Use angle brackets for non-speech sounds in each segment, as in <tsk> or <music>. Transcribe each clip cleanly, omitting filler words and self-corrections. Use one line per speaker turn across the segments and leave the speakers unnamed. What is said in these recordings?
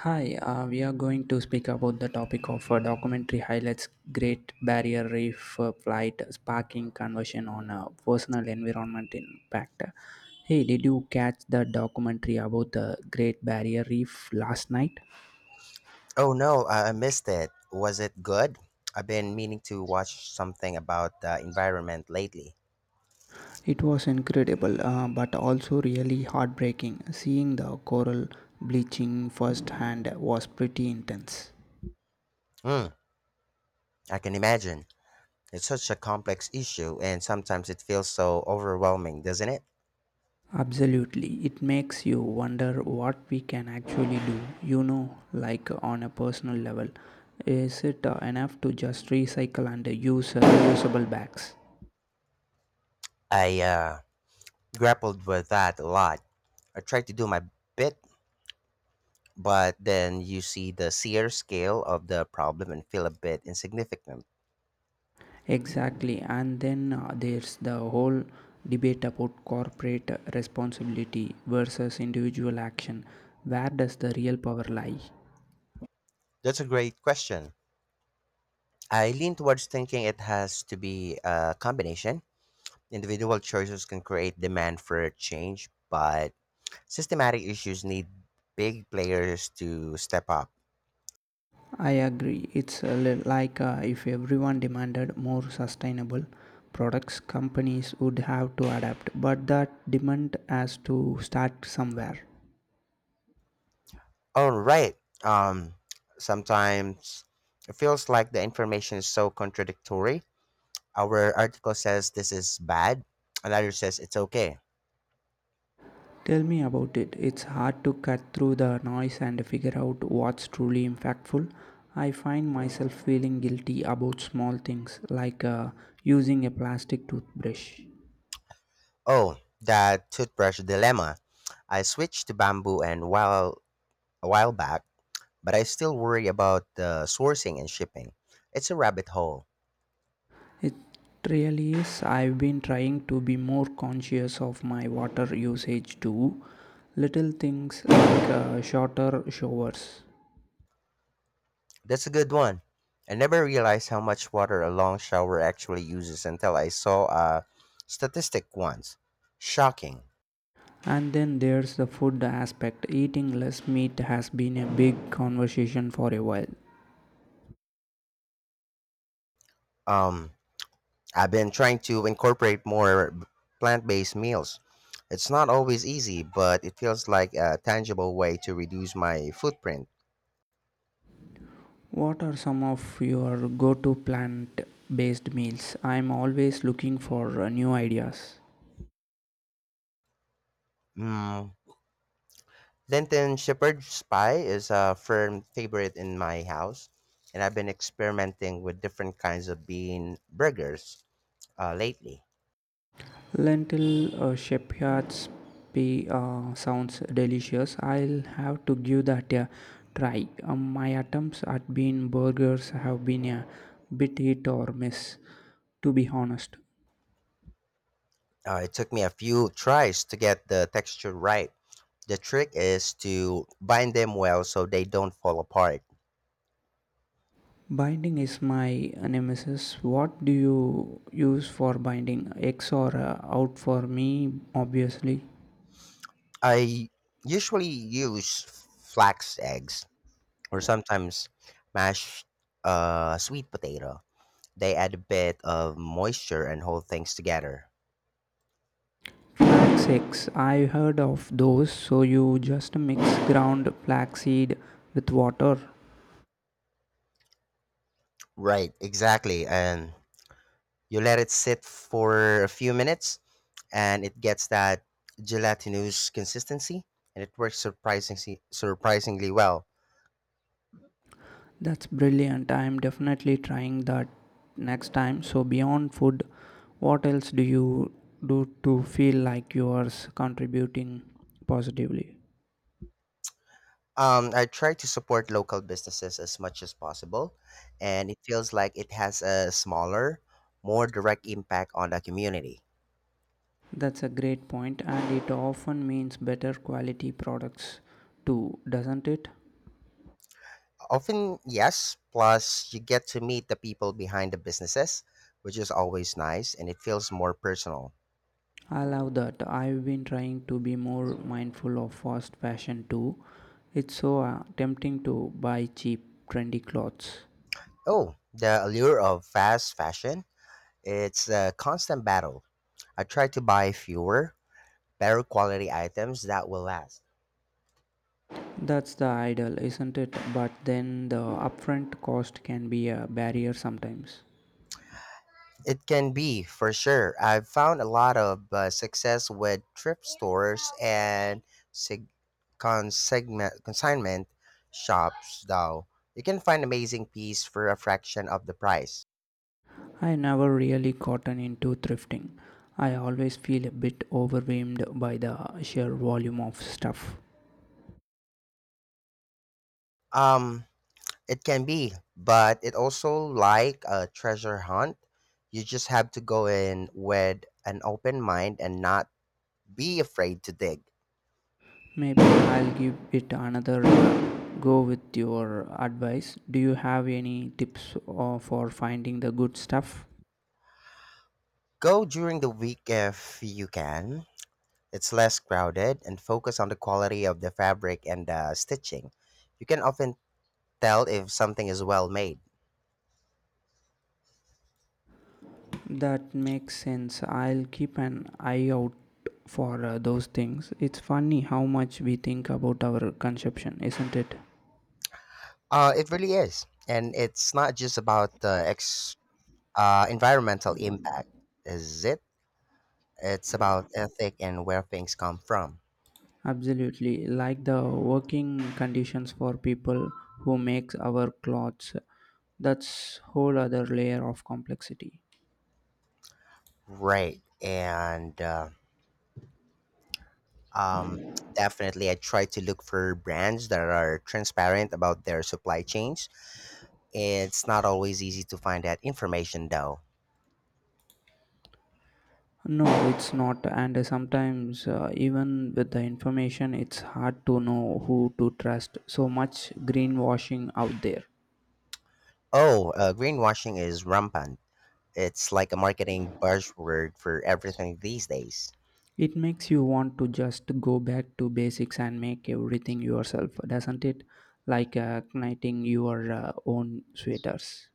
Hi, we are going to speak about the topic of documentary highlights Great Barrier Reef flight sparking conversion on personal environment impact. Hey, did you catch the documentary about the Great Barrier Reef last night?
Oh no, I missed it. Was it good? I've been meaning to watch something about the environment lately.
It was incredible, but also really heartbreaking. Seeing the coral bleaching firsthand was pretty intense.
Hmm, I can imagine. It's such a complex issue, and sometimes it feels so overwhelming, doesn't it?
Absolutely. It makes you wonder what we can actually do, you know, like on a personal level. Is it enough to just recycle and use reusable bags?
I grappled with that a lot. I tried to do my bit, but then you see the sheer scale of the problem and feel a bit insignificant.
Exactly. And then there's the whole debate about corporate responsibility versus individual action. Where does the real power lie?
That's a great question. I lean towards thinking it has to be a combination. Individual choices can create demand for change, but systematic issues need big players to step up.
I agree. It's a like if everyone demanded more sustainable products, companies would have to adapt, but that demand has to start somewhere.
All right. Um, Sometimes it feels like the information is so contradictory. Our article says this is bad, another says it's okay.
Tell me about it. It's hard to cut through the noise and figure out what's truly impactful. I find myself feeling guilty about small things like using a plastic toothbrush.
Oh, that toothbrush dilemma. I switched to bamboo and while a while back, but I still worry about the sourcing and shipping. It's a rabbit hole.
It really is. I've been trying to be more conscious of my water usage too. Little things like shorter showers.
That's a good one. I never realized how much water a long shower actually uses until I saw a statistic once. Shocking.
And then there's the food aspect. Eating less meat has been a big conversation for a while.
Um, I've been trying to incorporate plant-based meals. It's not always easy, but it feels like a tangible way to reduce my footprint.
What are some of your go to plant based meals? I'm always looking for new ideas.
Mm. Lenten shepherd's pie is a firm favorite in my house, and I've been experimenting with different kinds of bean burgers lately.
Lentil shepherd's pie sounds delicious. I'll have to give that a try. My attempts at bean burgers have been a bit hit or miss, to be honest.
It took me a few tries to get the texture right. The trick is to bind them well so they don't fall apart.
Binding is my nemesis. What do you use for binding? Eggs or out for me, obviously.
I usually use flax eggs or sometimes mashed sweet potato. They add a bit of moisture and hold things together.
Flax eggs. I heard of those. So you just mix ground flaxseed with water.
Right, exactly. And you let it sit for a few minutes and it gets that gelatinous consistency and it works surprisingly well.
That's brilliant. I am definitely trying that next time. So, beyond food, what else do you do to feel like you are contributing positively?
I try to support local businesses as much as possible, and it feels like it has a smaller, more direct impact on the community.
That's a great point, and it often means better quality products too, doesn't it?
Often, yes, plus you get to meet the people behind the businesses, which is always nice, and it feels more personal.
I love that. I've been trying to be more mindful of fast fashion too. It's so tempting to buy cheap, trendy clothes.
Oh, the allure of fast fashion, it's a constant battle. I try to buy fewer, better quality items that will last.
That's the ideal, isn't it? But then the upfront cost can be a barrier sometimes.
It can be for sure. I've found a lot of success with thrift stores and sig- consignment shops, though. You can find amazing piece for a fraction of the price.
I never really gotten into thrifting. I always feel a bit overwhelmed by the sheer volume of stuff.
Um, it can be, but it also like a treasure hunt. You just have to go in with an open mind and not be afraid to dig.
Maybe I'll give it another go with your advice. Do you have any tips for finding the good stuff?
Go during the week if you can. It's less crowded and focus on the quality of the fabric and the stitching. You can often tell if something is well made.
That makes sense. I'll keep an eye out for those things. It's funny how much we think about our consumption, isn't it?
It really is, and it's not just about the environmental impact, is it? It's about ethic and where things come from,
Absolutely. Like the working conditions for people who makes our clothes. That's whole other layer of complexity.
right? And um, Definitely, I try to look for brands that are transparent about their supply chains. It's not always easy to find that information, though.
No, it's not. And sometimes even with the information, it's hard to know who to trust. So much greenwashing out there.
Oh, Greenwashing is rampant. It's like a marketing buzzword for everything these days.
It makes you want to just go back to basics and make everything yourself, doesn't it? Like knitting your own sweaters.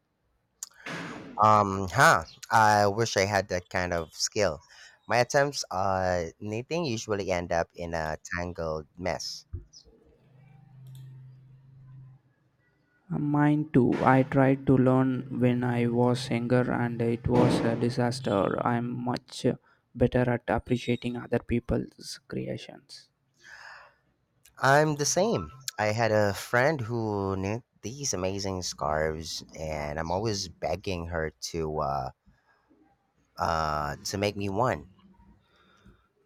Um, huh. I wish I had that kind of skill. My attempts at knitting usually end up in a tangled mess.
Mine too. I tried to learn when I was younger and it was a disaster. I'm much better at appreciating other people's creations.
I'm the same. I had a friend who knit these amazing scarves, and I'm always begging her to make me one.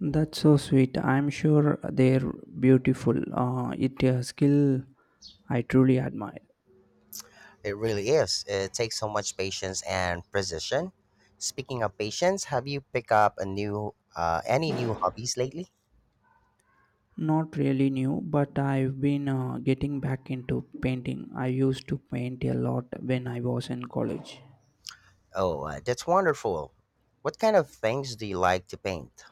That's so sweet. I'm sure they're beautiful. It's a skill I truly admire.
It really is. It takes so much patience and precision. Speaking of patience, have you picked up a new any new hobbies lately?
Not really new, but I've been getting back into painting. I used to paint a lot when I was in college,
Oh, that's wonderful. What kind of things do you like to paint?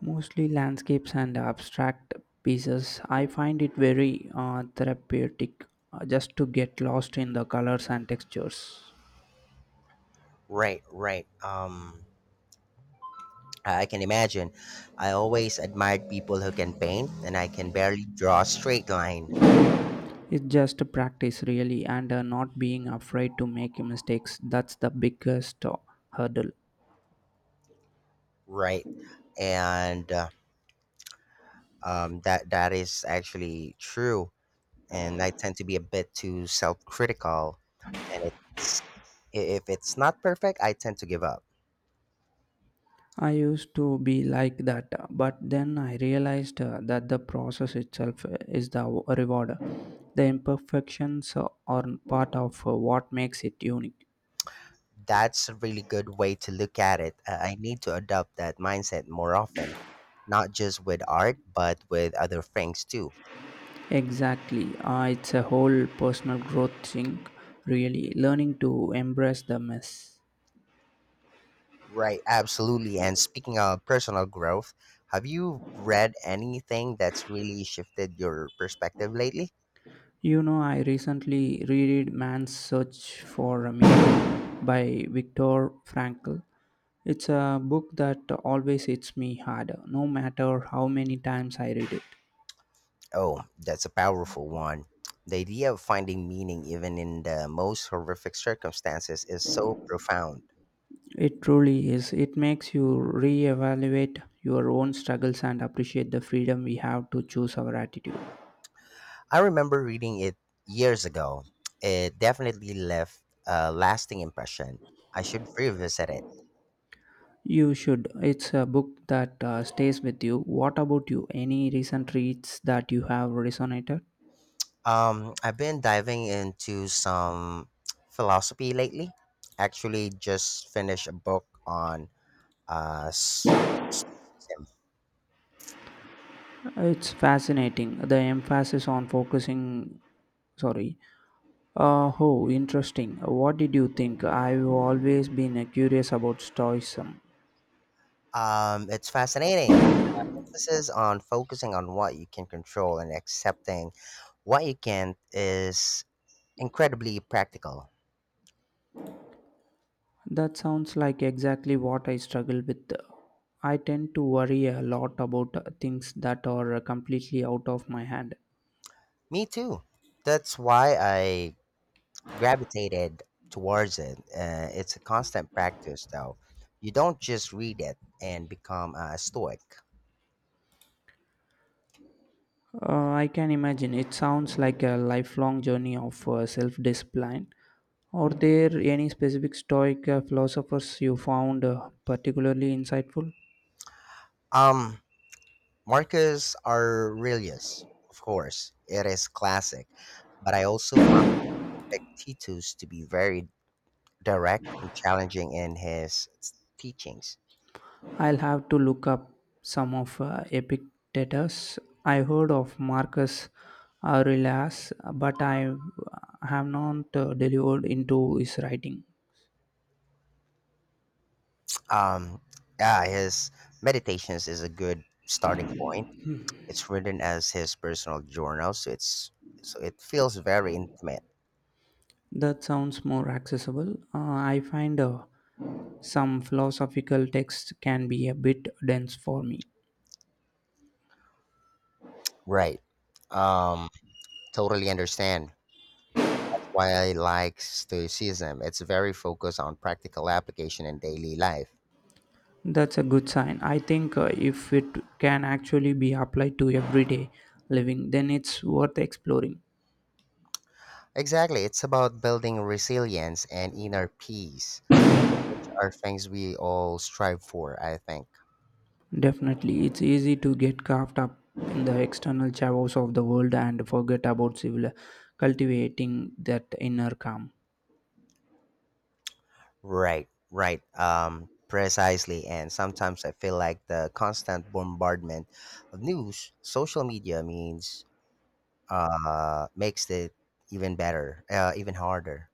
mostly landscapes and abstract pieces. I find it very therapeutic just to get lost in the colors and textures.
Right, right. I can imagine. I always admired people who can paint, and I can barely draw a straight line.
It's just a practice, really, and not being afraid to make mistakes. That's the biggest hurdle.
Right, and That is actually true. And I tend to be a bit too self-critical, and if it's not perfect, I tend to give up.
I used to be like that, but then I realized that the process itself is the reward. The imperfections are part of what makes it unique.
That's a really good way to look at it. I need to adopt that mindset more often, not just with art, but with other things too.
Exactly. It's a whole personal growth thing, really, learning to embrace the mess.
Right, absolutely. And speaking of personal growth, have you read anything that's really shifted your perspective lately?
You know, I recently reread Man's Search for a Meaning by Viktor Frankl. It's a book that always hits me hard, no matter how many times I read it.
Oh, that's a powerful one. The idea of finding meaning even in the most horrific circumstances is so profound.
It truly is. It makes you reevaluate your own struggles and appreciate the freedom we have to choose our attitude.
I remember reading it years ago. It definitely left a lasting impression. I should revisit it.
You should. It's a book that stays with you. What about you? Any recent reads that you have resonated?
I've been diving into some <tsk> philosophy lately. Actually, just finished a book on uh, s- stoicism.
It's fascinating. The emphasis on focusing. Sorry. Oh, interesting. What did you think? I've always been curious about Stoicism.
It's fascinating. The emphasis on focusing on what you can control and accepting what you can't is incredibly practical.
That sounds like exactly what I struggle with. I tend to worry a lot about things that are completely out of my hand.
Me too. That's why I gravitated towards it. It's a constant practice, though. You don't just read it and become a stoic.
I can imagine it sounds like a lifelong journey of self discipline. Are there any specific Stoic philosophers you found particularly insightful?
Um, Marcus Aurelius, of course, it is classic, but I also found Epictetus to be very direct and challenging in his teachings.
I'll have to look up some of Epictetus. I heard of Marcus Aurelius, but I have not delivered into his writing.
Um, yeah, his meditations is a good starting point. It's written as his personal journal, so it feels very intimate.
That sounds more accessible. I find some philosophical texts can be a bit dense for me.
Right. Um, Totally understand. That's why I like Stoicism. It's very focused on practical application in daily life.
That's a good sign. I think if it can actually be applied to everyday living, then it's worth exploring.
Exactly. It's about building resilience and inner peace, which are things we all strive for, I think.
Definitely, it's easy to get caught up in the external chaos of the world and forget about civil cultivating that inner calm.
Right, right. Precisely. And sometimes I feel like the constant bombardment of news, social media means makes it even harder.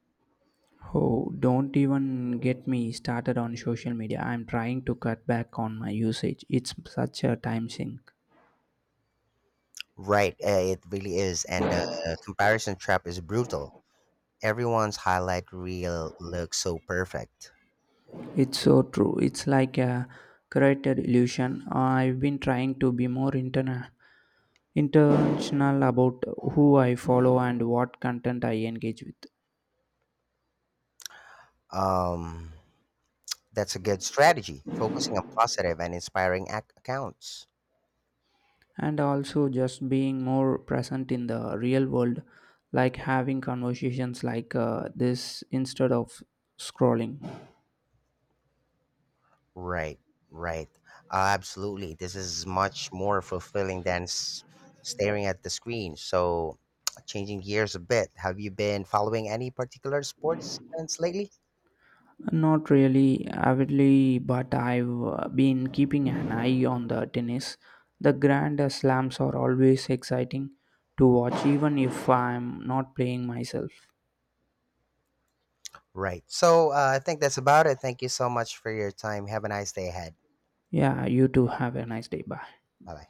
Oh, don't even get me started on social media. I'm trying to cut back on my usage. It's such a time sink.
Right, uh, it really is, and the comparison trap is brutal. Everyone's highlight reel looks so perfect.
It's so true. It's like a created illusion. I've been trying to be more intentional about who I follow and what content I engage with.
Um, that's a good strategy, focusing on positive and inspiring accounts.
And also just being more present in the real world, like having conversations like this instead of scrolling.
Right, right, absolutely. This is much more fulfilling than staring at the screen. So, <tsk> changing gears a bit, have you been following any particular sports events lately?
Not really avidly, but I've been keeping an eye on the tennis. The grand slams are always exciting to watch even if I'm not playing myself.
Right. So, I think that's about it. Thank you so much for your time. Have a nice day ahead.
Yeah, you too, have a nice day. Bye.
Bye bye.